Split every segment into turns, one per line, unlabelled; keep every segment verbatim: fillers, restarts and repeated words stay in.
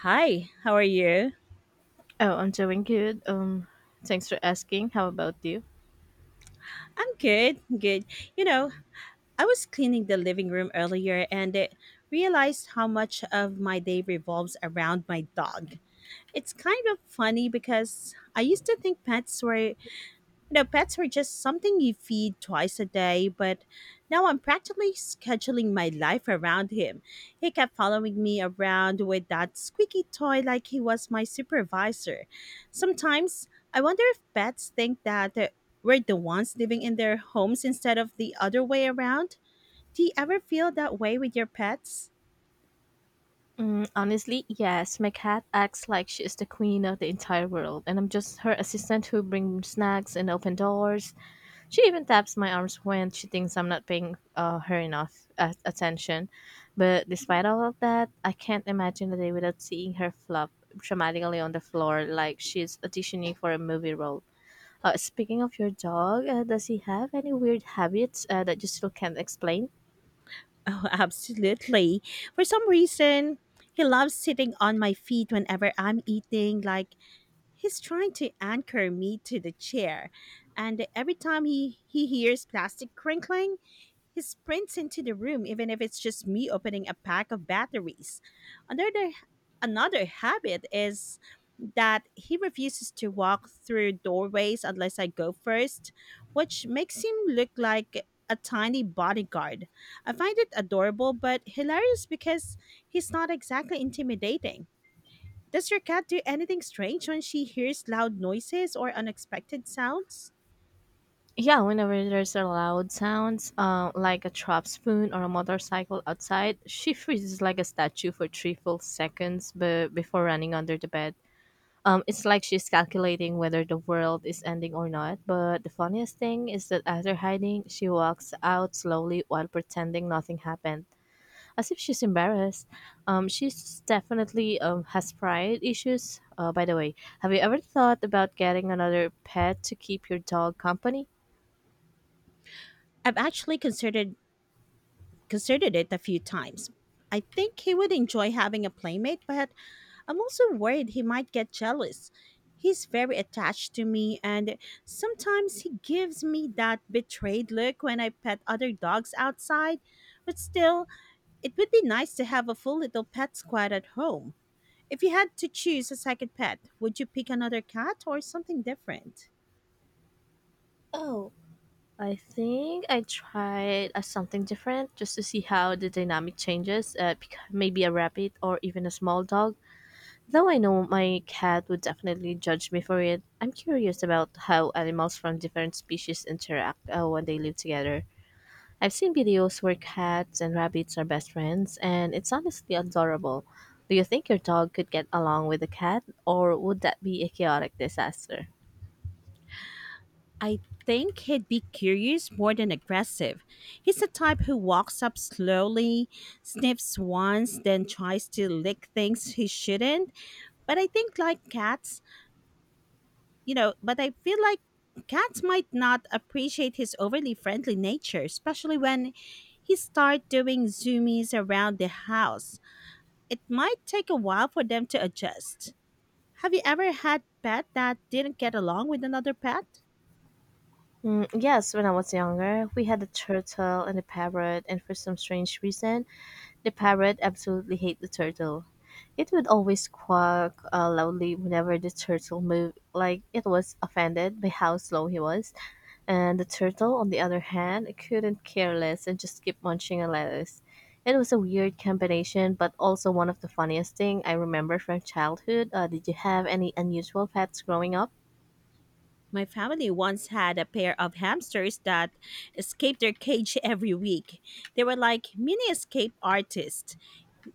Hi, how are you?
Oh, I'm doing good. Um, thanks for asking. How about you?
I'm good, good. You know, I was cleaning the living room earlier and it realized how much of my day revolves around my dog. It's kind of funny because I used to think pets were You know, pets were just something you feed twice a day, but now I'm practically scheduling my life around him. He kept following me around with that squeaky toy like he was my supervisor. Sometimes I wonder if pets think that uh, we're the ones living in their homes instead of the other way around. Do you ever feel that way with your pets?
Mm, honestly, yes. My cat acts like she is the queen of the entire world, and I'm just her assistant who brings snacks and open doors. She even taps my arms when she thinks I'm not paying uh, her enough uh, attention. But despite all of that, I can't imagine a day without seeing her flop dramatically on the floor like she's auditioning for a movie role. Uh, speaking of your dog, uh, does he have any weird habits uh, that you still can't explain?
Oh, absolutely. For some reason, he loves sitting on my feet whenever I'm eating, like He's trying to anchor me to the chair, and every time he, he hears plastic crinkling, he sprints into the room, even if it's just me opening a pack of batteries. Another, another habit is that he refuses to walk through doorways unless I go first, which makes him look like a tiny bodyguard. I find it adorable but hilarious because he's not exactly intimidating. Does your cat do anything strange when she hears loud noises or unexpected sounds?
Yeah, whenever there's a loud sounds, uh, like a drop spoon or a motorcycle outside, she freezes like a statue for three full seconds be- before running under the bed. Um, it's like she's calculating whether the world is ending or not. But the funniest thing is that after hiding, she walks out slowly while pretending nothing happened, as if she's embarrassed. Um, she's definitely um, has pride issues. Uh, by the way, have you ever thought about getting another pet to keep your dog company?
I've actually considered considered it a few times. I think he would enjoy having a playmate, but I'm also worried he might get jealous. He's very attached to me, and sometimes he gives me that betrayed look when I pet other dogs outside. But still, it would be nice to have a full little pet squad at home. If you had to choose a second pet, would you pick another cat or something different?
Oh, I think I tried uh, something different just to see how the dynamic changes. Uh, bec- maybe a rabbit or even a small dog. Though I know my cat would definitely judge me for it. I'm curious about how animals from different species interact uh, when they live together. I've seen videos where cats and rabbits are best friends, and it's honestly adorable. Do you think your dog could get along with a cat, or would that be a chaotic disaster?
I think he'd be curious more than aggressive. He's the type who walks up slowly, sniffs once, then tries to lick things he shouldn't. But I think, like cats, you know, but I feel like cats might not appreciate his overly friendly nature, especially when he start doing zoomies around the house. It might take a while for them to adjust. Have you ever had pet that didn't get along with another pet?
Mm, yes, when I was younger, we had a turtle and a parrot, and for some strange reason, the parrot absolutely hated the turtle. It would always quack uh, loudly whenever the turtle moved, like it was offended by how slow he was. And the turtle, on the other hand, couldn't care less and just kept munching on lettuce. It was a weird combination, but also one of the funniest thing I remember from childhood. Uh, did you have any unusual pets growing up?
My family once had a pair of hamsters that escaped their cage every week. They were like mini escape artists.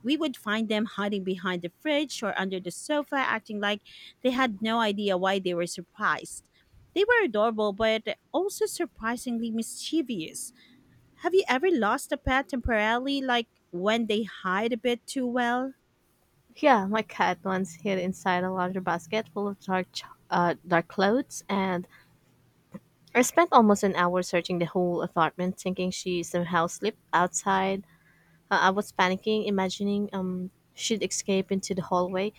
We would find them hiding behind the fridge or under the sofa, acting like they had no idea why they were surprised. They were adorable, but also surprisingly mischievous. Have you ever lost a pet temporarily, like when they hide a bit too well?
Yeah, my cat once hid inside a laundry basket full of dark, ch- uh, dark clothes, and I spent almost an hour searching the whole apartment, thinking she somehow slipped outside. Uh, I was panicking, imagining um she'd escape into the hallway.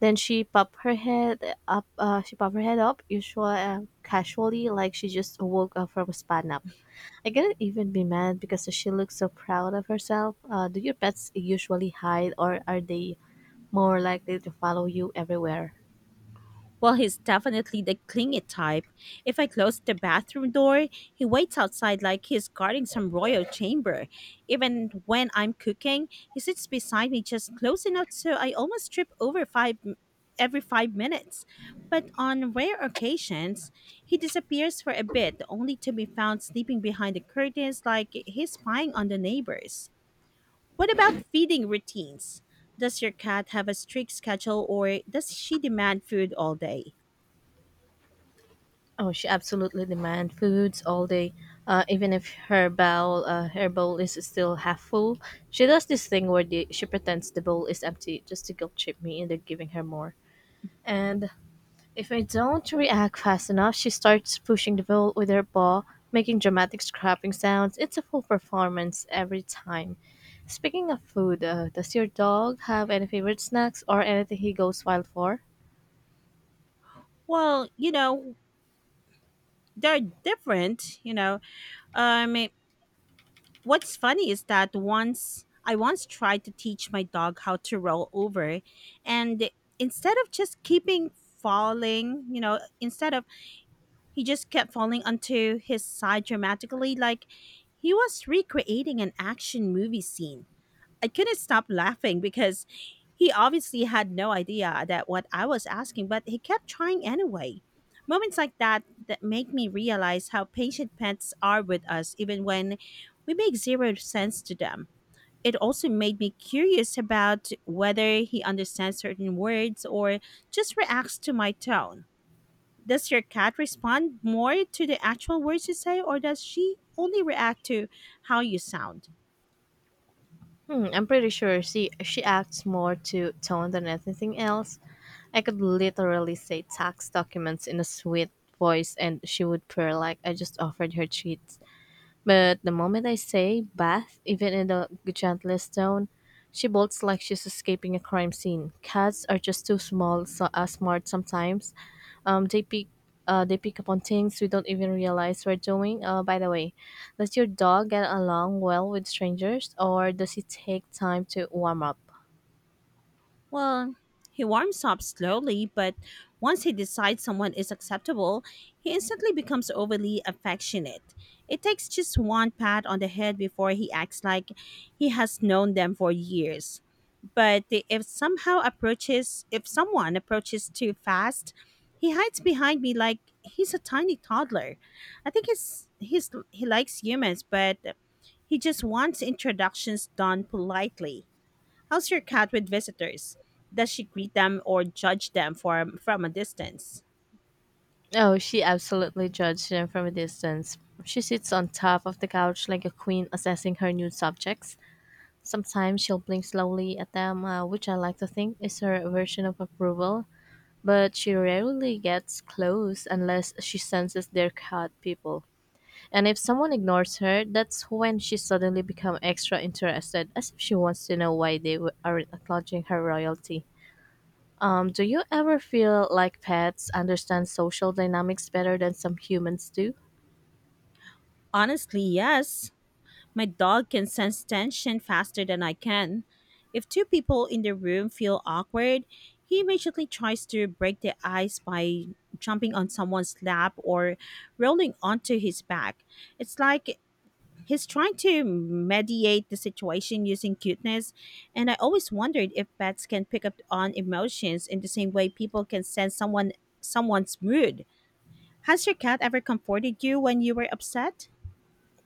Then she popped her head up. Uh, she popped her head up, usual uh, casually, like she just woke up from a spa nap. I couldn't even be mad because she looks so proud of herself. Uh, do your pets usually hide, or are they more likely to follow you everywhere.
Well, he's definitely the clingy type. If I close the bathroom door, he waits outside like he's guarding some royal chamber. Even when I'm cooking, he sits beside me just close enough so I almost trip over five every five minutes. But on rare occasions, he disappears for a bit, only to be found sleeping behind the curtains like he's spying on the neighbors. What about feeding routines? Does your cat have a strict schedule or does she demand food all day?
Oh, she absolutely demands foods all day. Uh, even if her bowl, uh, her bowl is still half full, she does this thing where the, she pretends the bowl is empty just to guilt trip me into giving her more. And if I don't react fast enough, she starts pushing the bowl with her paw, making dramatic scraping sounds. It's a full performance every time. Speaking of food, uh, does your dog have any favorite snacks or anything he goes wild for?
Well, you know, they're different, you know. Um What's funny is that once I once tried to teach my dog how to roll over, and instead of just keeping falling, you know, instead of he just kept falling onto his side dramatically, like he was recreating an action movie scene. I couldn't stop laughing because he obviously had no idea that what I was asking, but he kept trying anyway. Moments like that that make me realize how patient pets are with us even when we make zero sense to them. It also made me curious about whether he understands certain words or just reacts to my tone. Does your cat respond more to the actual words you say or does she only react to how you sound?
Hmm, I'm pretty sure she she acts more to tone than anything else. I could literally say tax documents in a sweet voice and she would purr like I just offered her treats. But the moment I say bath, even in the gentlest tone, she bolts like she's escaping a crime scene. Cats are just too small, so uh, smart sometimes. Um, they pick uh, they pick up on things we don't even realize we're doing. Uh, by the way, does your dog get along well with strangers, or does it take time to warm up?
Well, he warms up slowly, but once he decides someone is acceptable, he instantly becomes overly affectionate. It takes just one pat on the head before he acts like he has known them for years. But if somehow approaches, If someone approaches too fast, he hides behind me like he's a tiny toddler. I think he's, he's he likes humans, but he just wants introductions done politely. How's your cat with visitors? Does she greet them or judge them for, from a distance?
Oh, she absolutely judged them from a distance. She sits on top of the couch like a queen assessing her new subjects. Sometimes she'll blink slowly at them, uh, which I like to think is her version of approval, but she rarely gets close unless she senses they're cat people. And if someone ignores her, that's when she suddenly becomes extra interested, as if she wants to know why they w- aren't acknowledging her royalty. Um, do you ever feel like pets understand social dynamics better than some humans do?
Honestly, yes. My dog can sense tension faster than I can. If two people in the room feel awkward, he immediately tries to break the ice by jumping on someone's lap or rolling onto his back. It's like he's trying to mediate the situation using cuteness, and I always wondered if pets can pick up on emotions in the same way people can sense someone someone's mood. Has your cat ever comforted you when you were upset?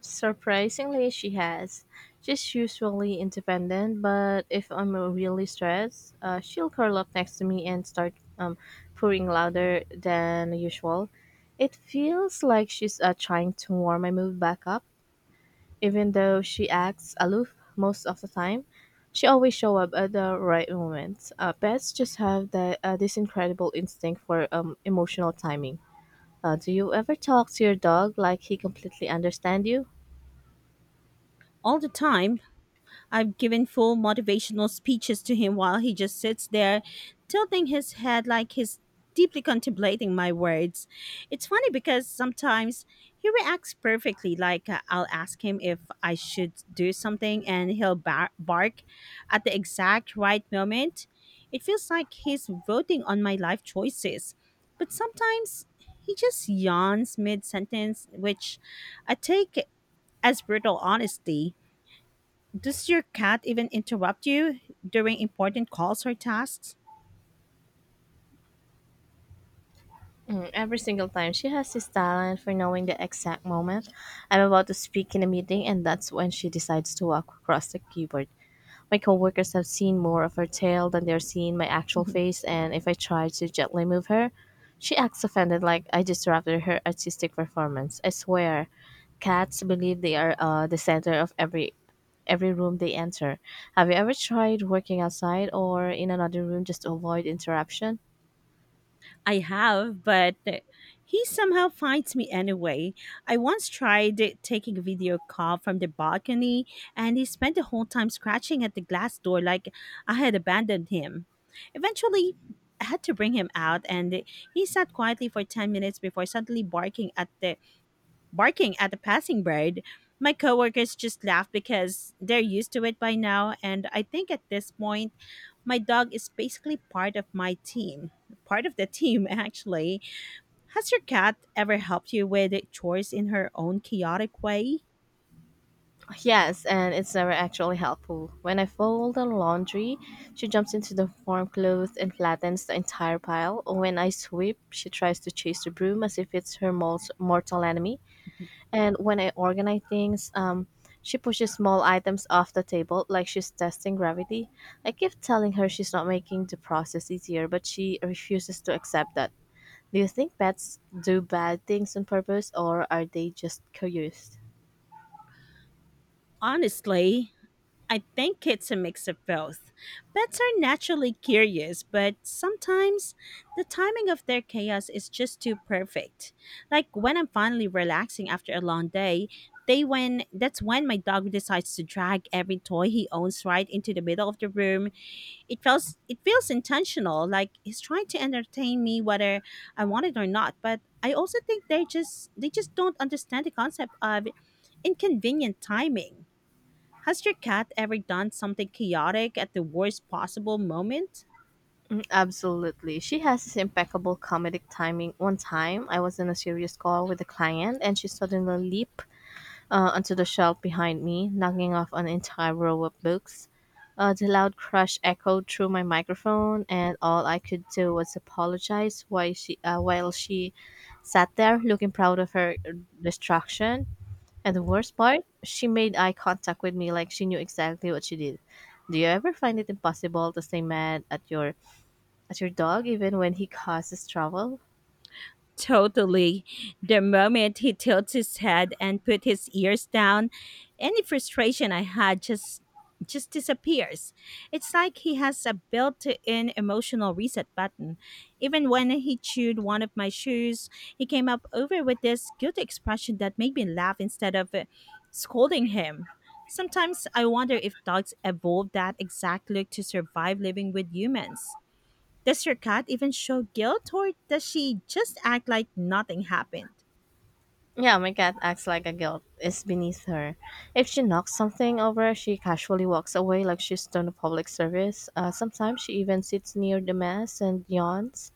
Surprisingly, she has. She's usually independent, but if I'm really stressed, uh, she'll curl up next to me and start um, purring louder than usual. It feels like she's uh, trying to warm my mood back up. Even though she acts aloof most of the time, she always show up at the right moment. Uh, pets just have that uh, this incredible instinct for um, emotional timing. Uh, do you ever talk to your dog like he completely understand you?
All the time. I've given full motivational speeches to him while he just sits there, tilting his head like he's deeply contemplating my words. It's funny because sometimes he reacts perfectly, like uh, I'll ask him if I should do something, and he'll bar- bark at the exact right moment. It feels like he's voting on my life choices. But sometimes he just yawns mid sentence, which I take as brutal honesty. Does your cat even interrupt you during important calls or tasks?
Mm, every single time, she has this talent for knowing the exact moment I'm about to speak in a meeting, and that's when she decides to walk across the keyboard. My coworkers have seen more of her tail than they're seeing my actual
Mm-hmm.
face, and if I try to gently move her, she acts offended like I disrupted her artistic performance. I swear, cats believe they are uh, the center of every every room they enter. Have you ever tried working outside or in another room just to avoid interruption?
I have, but he somehow finds me anyway. I once tried taking a video call from the balcony, and he spent the whole time scratching at the glass door like I had abandoned him. Eventually, I had to bring him out, and he sat quietly for ten minutes before suddenly barking at the barking at a passing bird. My coworkers just laugh because they're used to it by now, and I think at this point, my dog is basically part of my team, part of the team actually. Has your cat ever helped you with chores in her own chaotic way?
Yes, and it's never actually helpful. When I fold the laundry, she jumps into the warm clothes and flattens the entire pile. When I sweep, she tries to chase the broom as if it's her most mortal enemy. And when I organize things, um, she pushes small items off the table like she's testing gravity. I keep telling her she's not making the process easier, but she refuses to accept that. Do you think pets do bad things on purpose, or are they just curious?
Honestly, I think it's a mix of both. Pets are naturally curious, but sometimes the timing of their chaos is just too perfect. Like when I'm finally relaxing after a long day, they when that's when my dog decides to drag every toy he owns right into the middle of the room. It feels it feels intentional, like he's trying to entertain me whether I want it or not. But I also think they just they just don't understand the concept of inconvenient timing. Has your cat ever done something chaotic at the worst possible moment?
Absolutely. She has this impeccable comedic timing. One time, I was in a serious call with a client, and she suddenly leaped uh, onto the shelf behind me, knocking off an entire row of books. Uh, the loud crash echoed through my microphone, and all I could do was apologize while she, uh, while she sat there looking proud of her destruction. And the worst part, she made eye contact with me like she knew exactly what she did. Do you ever find it impossible to stay mad at your at your dog, even when he causes trouble?
Totally. The moment he tilts his head and put his ears down, any frustration I had just just disappears. It's like he has a built-in emotional reset button. Even when he chewed one of my shoes, he came up over with this guilty expression that made me laugh instead of uh, scolding him. Sometimes I wonder if dogs evolved that exact look to survive living with humans. Does your cat even show guilt or does she just act like nothing happened?
Yeah, my cat acts like a guilt is beneath her. If she knocks something over, she casually walks away like she's done a public service. Uh, sometimes she even sits near the mess and yawns,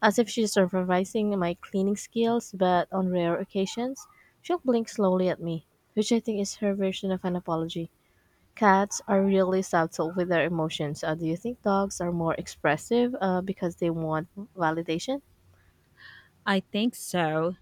as if she's supervising my cleaning skills, but on rare occasions, she'll blink slowly at me, which I think is her version of an apology. Cats are really subtle with their emotions. Uh, do you think dogs are more expressive uh, because they want validation?
I think so.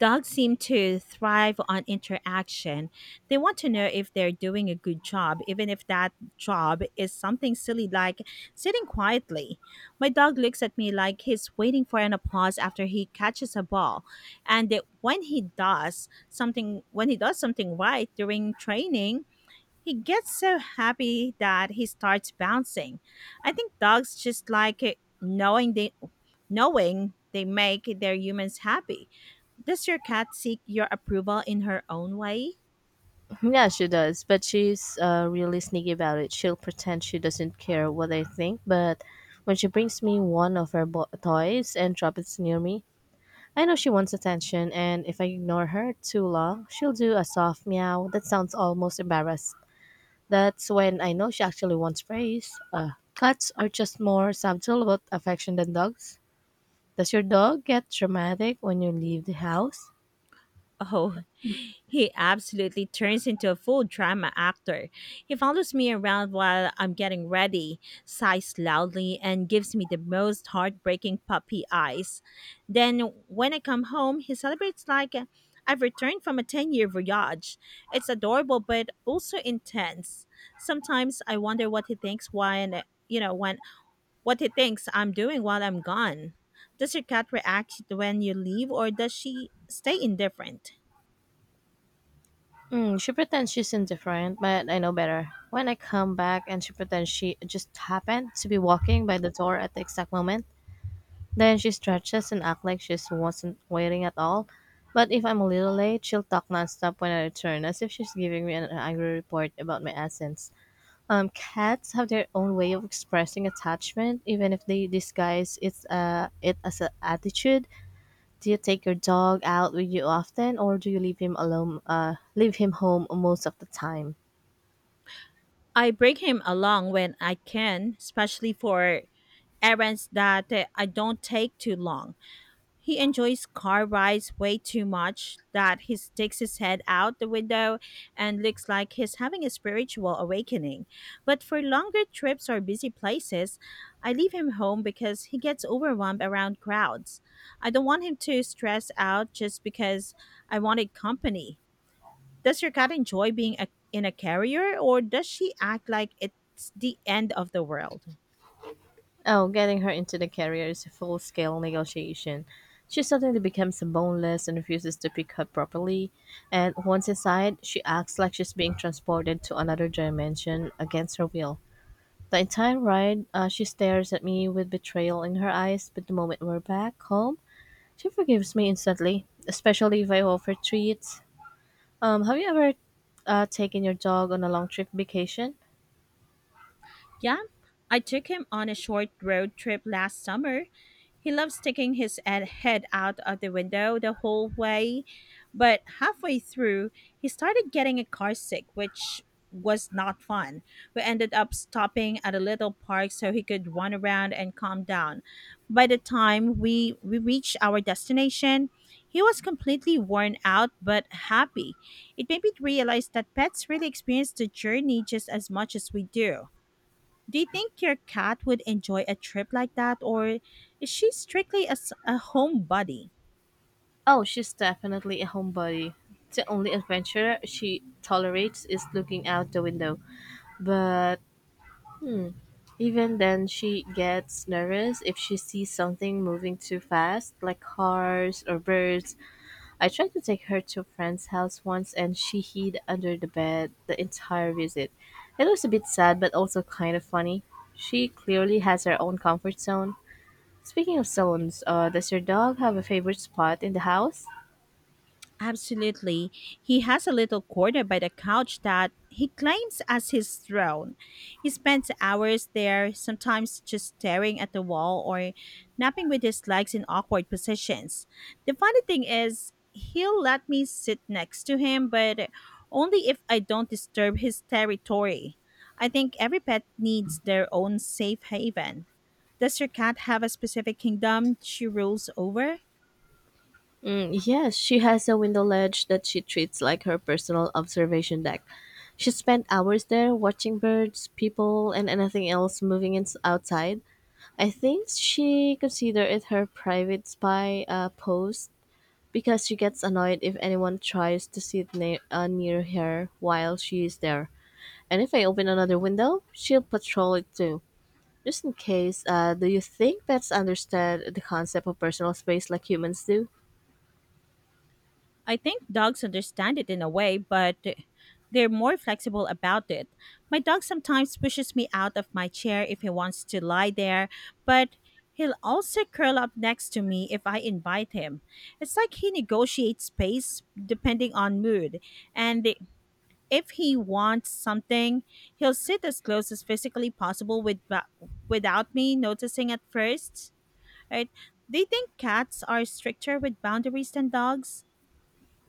Dogs seem to thrive on interaction. They want to know if they're doing a good job, even if that job is something silly like sitting quietly. My dog looks at me like he's waiting for an applause after he catches a ball. And that when he does something when he does something right during training, he gets so happy that he starts bouncing. I think dogs just like it, knowing they knowing they make their humans happy. Does your cat seek your approval in her own way?
Yeah, she does, but she's uh, really sneaky about it. She'll pretend she doesn't care what I think, but when she brings me one of her bo- toys and drops it near me, I know she wants attention, and if I ignore her too long, she'll do a soft meow that sounds almost embarrassed. That's when I know she actually wants praise. Uh, cats are just more subtle about affection than dogs. Does your dog get dramatic when you leave the house?
Oh, he absolutely turns into a full drama actor. He follows me around while I'm getting ready, sighs loudly, and gives me the most heartbreaking puppy eyes. Then, when I come home, he celebrates like I've returned from a ten year voyage. It's adorable, but also intense. Sometimes I wonder what he thinks when, you know, when, what he thinks I'm doing while I'm gone. Does your cat react when you leave, or does she stay indifferent?
Mm, she pretends she's indifferent, but I know better. When I come back and she pretends she just happened to be walking by the door at the exact moment, then she stretches and acts like she wasn't waiting at all. But if I'm a little late, she'll talk nonstop when I return, as if she's giving me an angry report about my absence. Um, cats have their own way of expressing attachment, even if they disguise it's uh, it as an attitude. Do you take your dog out with you often or do you leave him alone uh leave him home most of the time?
I bring him along when I can, especially for errands that uh, I don't take too long. He enjoys car rides way too much that he sticks his head out the window and looks like he's having a spiritual awakening. But for longer trips or busy places, I leave him home because he gets overwhelmed around crowds. I don't want him to stress out just because I wanted company. Does your cat enjoy being a, in a carrier or does she act like it's the end of the world?
Oh, getting her into the carrier is a full-scale negotiation. She suddenly becomes boneless and refuses to pick up properly, and once inside, she acts like she's being transported to another dimension against her will. The entire ride, uh, she stares at me with betrayal in her eyes, but the moment we're back home, she forgives me instantly, especially if I offer treats. Um, have you ever uh, taken your dog on a long trip vacation?
Yeah, I took him on a short road trip last summer. He loves sticking his ed- head out of the window the whole way, but halfway through, he started getting a car sick, which was not fun. We ended up stopping at a little park so he could run around and calm down. By the time we, we reached our destination, he was completely worn out but happy. It made me realize that pets really experience the journey just as much as we do. Do you think your cat would enjoy a trip like that, or is she strictly a, s- a homebody?
Oh, she's definitely a homebody. The only adventure she tolerates is looking out the window. But even then, she gets nervous if she sees something moving too fast, like cars or birds. I tried to take her to a friend's house once and she hid under the bed the entire visit. It was a bit sad, but also kind of funny. She clearly has her own comfort zone. Speaking of stones, uh, does your dog have a favorite spot in the house?
Absolutely. He has a little corner by the couch that he claims as his throne. He spends hours there, sometimes just staring at the wall or napping with his legs in awkward positions. The funny thing is, he'll let me sit next to him, but only if I don't disturb his territory. I think every pet needs their own safe haven. Does your cat have a specific kingdom she rules over?
Mm, yes, she has a window ledge that she treats like her personal observation deck. She spent hours there watching birds, people, and anything else moving in- outside. I think she considers it her private spy uh, post because she gets annoyed if anyone tries to sit ne- uh, near her while she is there. And if I open another window, she'll patrol it too. Just in case, uh, do you think pets understand the concept of personal space like humans do?
I think dogs understand it in a way, but they're more flexible about it. My dog sometimes pushes me out of my chair if he wants to lie there, but he'll also curl up next to me if I invite him. It's like he negotiates space depending on mood, and the- if he wants something, he'll sit as close as physically possible with, without me noticing at first. Right? They think cats are stricter with boundaries than dogs.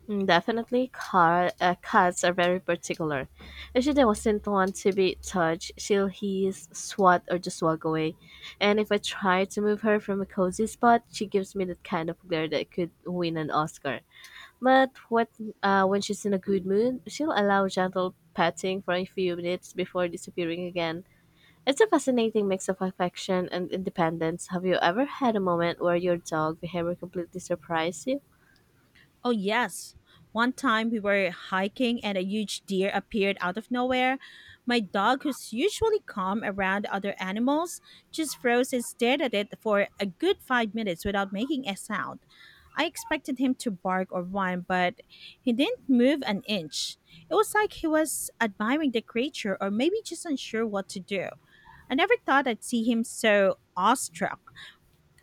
Mm, definitely, car, uh, cats are very particular. If she doesn't want to be touched, she'll hiss, swat, or just walk away. And if I try to move her from a cozy spot, she gives me that kind of glare that could win an Oscar. But what uh, When she's in a good mood, she'll allow gentle patting for a few minutes before disappearing again. It's a fascinating mix of affection and independence. Have you ever had a moment where your dog behavior completely surprised you?
Oh, yes. One time we were hiking and a huge deer appeared out of nowhere. My dog, who's usually calm around other animals, just froze and stared at it for a good five minutes without making a sound. I expected him to bark or whine, but he didn't move an inch. It was like he was admiring the creature or maybe just unsure what to do. I never thought I'd see him so awestruck.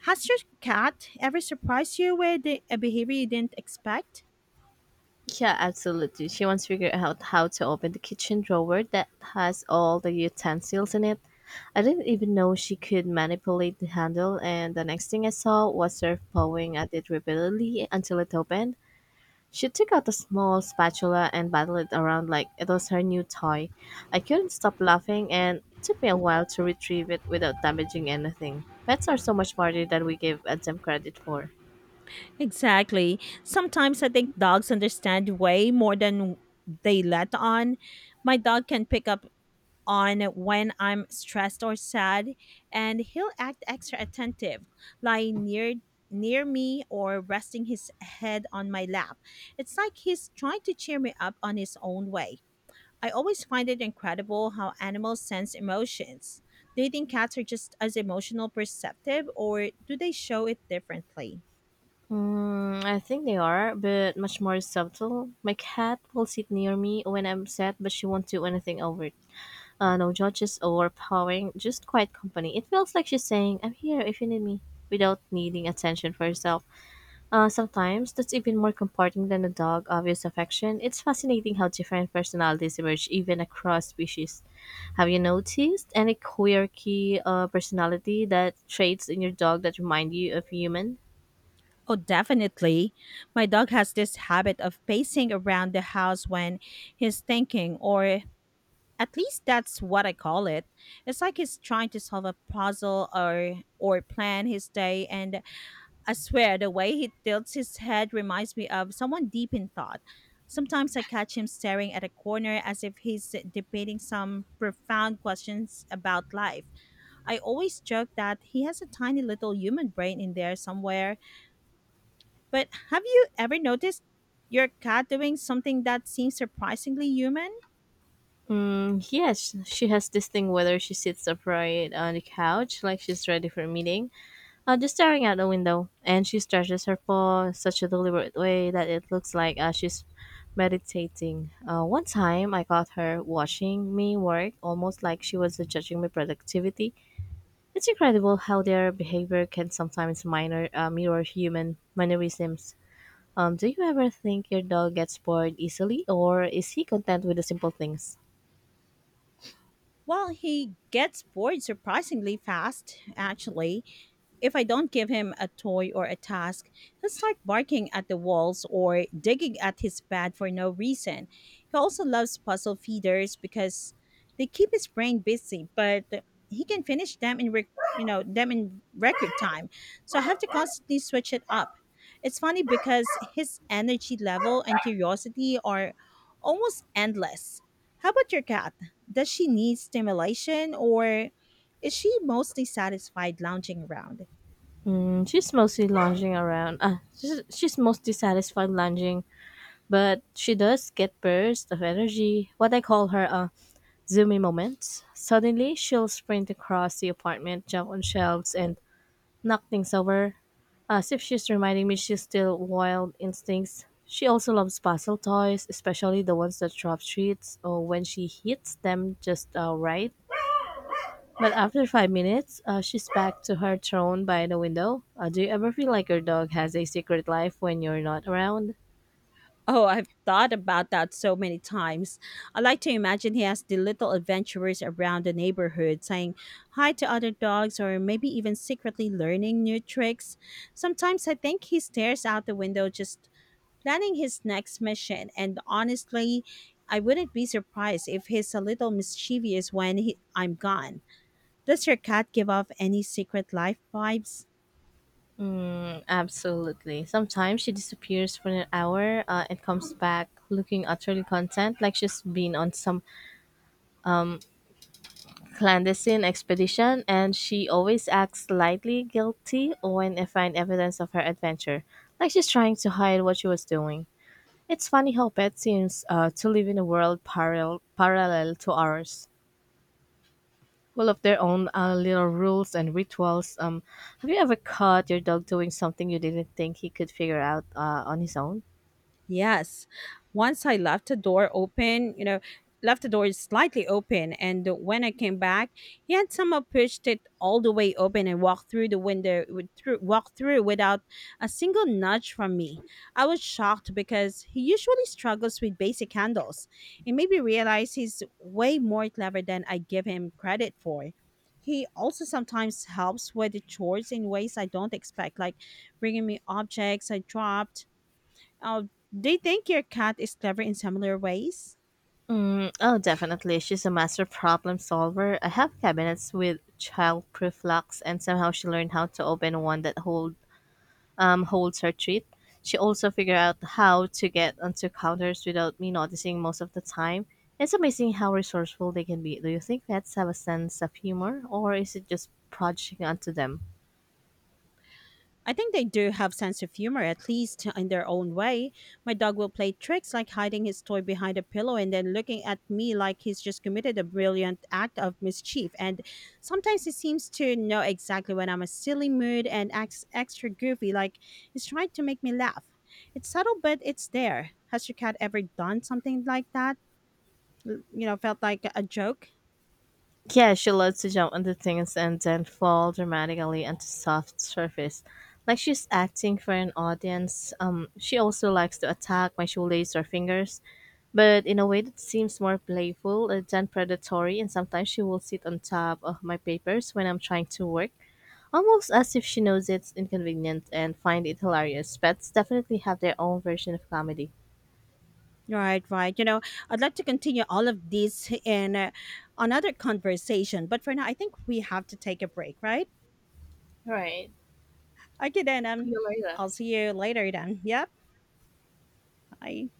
Has your cat ever surprised you with a behavior you didn't expect?
Yeah, absolutely. She once figured out how to open the kitchen drawer that has all the utensils in it. I didn't even know she could manipulate the handle, and the next thing I saw was her pawing at it repeatedly until it opened. She took out a small spatula and battled it around like it was her new toy. I couldn't stop laughing and it took me a while to retrieve it without damaging anything. Pets are so much smarter than we give them credit for.
Exactly. Sometimes I think dogs understand way more than they let on. My dog can pick up on when I'm stressed or sad, and he'll act extra attentive, lying near near me or resting his head on my lap. It's like he's trying to cheer me up on his own way. I always find it incredible how animals sense emotions. Do you think cats are just as emotional perceptive or do they show it differently?
Mm, I think they are, but much more subtle. My cat will sit near me when I'm sad, but she won't do anything over it. Uh, no judges or powering, just quiet company. It feels like she's saying, I'm here if you need me, without needing attention for herself. Uh, sometimes that's even more comforting than a dog obvious affection. It's fascinating how different personalities emerge even across species. Have you noticed any quirky uh, personality that traits in your dog that remind you of human?
Oh, definitely. My dog has this habit of pacing around the house when he's thinking, or at least that's what I call it. It's like he's trying to solve a puzzle or or plan his day, and I swear the way he tilts his head reminds me of someone deep in thought. Sometimes I catch him staring at a corner as if he's debating some profound questions about life. I always joke that he has a tiny little human brain in there somewhere. But have you ever noticed your cat doing something that seems surprisingly human?
Mm, yes, she has this thing whether she sits upright on the couch like she's ready for a meeting, Uh, just staring out the window, and she stretches her paw in such a deliberate way that it looks like uh, she's meditating. Uh, one time, I caught her watching me work, almost like she was judging my productivity. It's incredible how their behavior can sometimes minor, uh, mirror human mannerisms. Um, do you ever think your dog gets bored easily, or is he content with the simple things?
Well, he gets bored surprisingly fast, actually. If I don't give him a toy or a task, he'll start barking at the walls or digging at his pad for no reason. He also loves puzzle feeders because they keep his brain busy, but he can finish them in rec- you know them in record time. So I have to constantly switch it up. It's funny because his energy level and curiosity are almost endless. How about your cat? Does she need stimulation or is she mostly satisfied lounging around?
Mm, she's mostly lounging around. Uh, she's, she's mostly satisfied lounging but she does get bursts of energy, what I call her uh, zoomy moments. Suddenly, she'll sprint across the apartment, jump on shelves, and knock things over, as if she's reminding me she's still wild instincts. She also loves puzzle toys, especially the ones that drop treats or when she hits them just uh, right. But after five minutes, uh, she's back to her throne by the window. Uh, do you ever feel like your dog has a secret life when you're not around?
Oh, I've thought about that so many times. I like to imagine he has the little adventurers around the neighborhood saying hi to other dogs or maybe even secretly learning new tricks. Sometimes I think he stares out the window just planning his next mission, and honestly, I wouldn't be surprised if he's a little mischievous when he, I'm gone. Does your cat give off any secret life vibes?
Absolutely. Sometimes she disappears for an hour uh, and comes back looking utterly content, like she's been on some clandestine expedition, and she always acts slightly guilty when I find evidence of her adventure, like she's trying to hide what she was doing. It's funny how pets seems uh, to live in a world parallel parallel to ours, full of their own uh, little rules and rituals. Um, have you ever caught your dog doing something you didn't think he could figure out uh, on his own?
Yes. Once I left the door open, you know, Left the door slightly open. And when I came back, he had somehow pushed it all the way open and walked through the window, with- through, walked through without a single nudge from me. I was shocked because he usually struggles with basic handles. It made me realize he's way more clever than I give him credit for. He also sometimes helps with the chores in ways I don't expect, like bringing me objects I dropped uh, do you think your cat is clever in similar ways?
Oh, definitely. She's a master problem solver. I have cabinets with childproof locks, and somehow she learned how to open one that hold um, holds her treat. She also figured out how to get onto counters without me noticing most of the time. It's amazing how resourceful they can be. Do you think pets have a sense of humor, or is it just projecting onto them?
I think they do have sense of humor, at least in their own way. My dog will play tricks like hiding his toy behind a pillow and then looking at me like he's just committed a brilliant act of mischief. And sometimes he seems to know exactly when I'm a silly mood and acts extra goofy, like he's trying to make me laugh. It's subtle, but it's there. Has your cat ever done something like that? L- You know, felt like a joke?
Yeah, she loves to jump onto things and then fall dramatically onto soft surface. Like she's acting for an audience. Um, she also likes to attack my shoelace or fingers, but in a way that seems more playful uh, than predatory. And sometimes she will sit on top of my papers when I'm trying to work, almost as if she knows it's inconvenient and find it hilarious. Pets definitely have their own version of comedy.
Right, right. You know, I'd like to continue all of this in uh, another conversation, but for now, I think we have to take a break, right?
Right.
Okay, then. Um,
See you later.
I'll see you later then. Yep. Bye.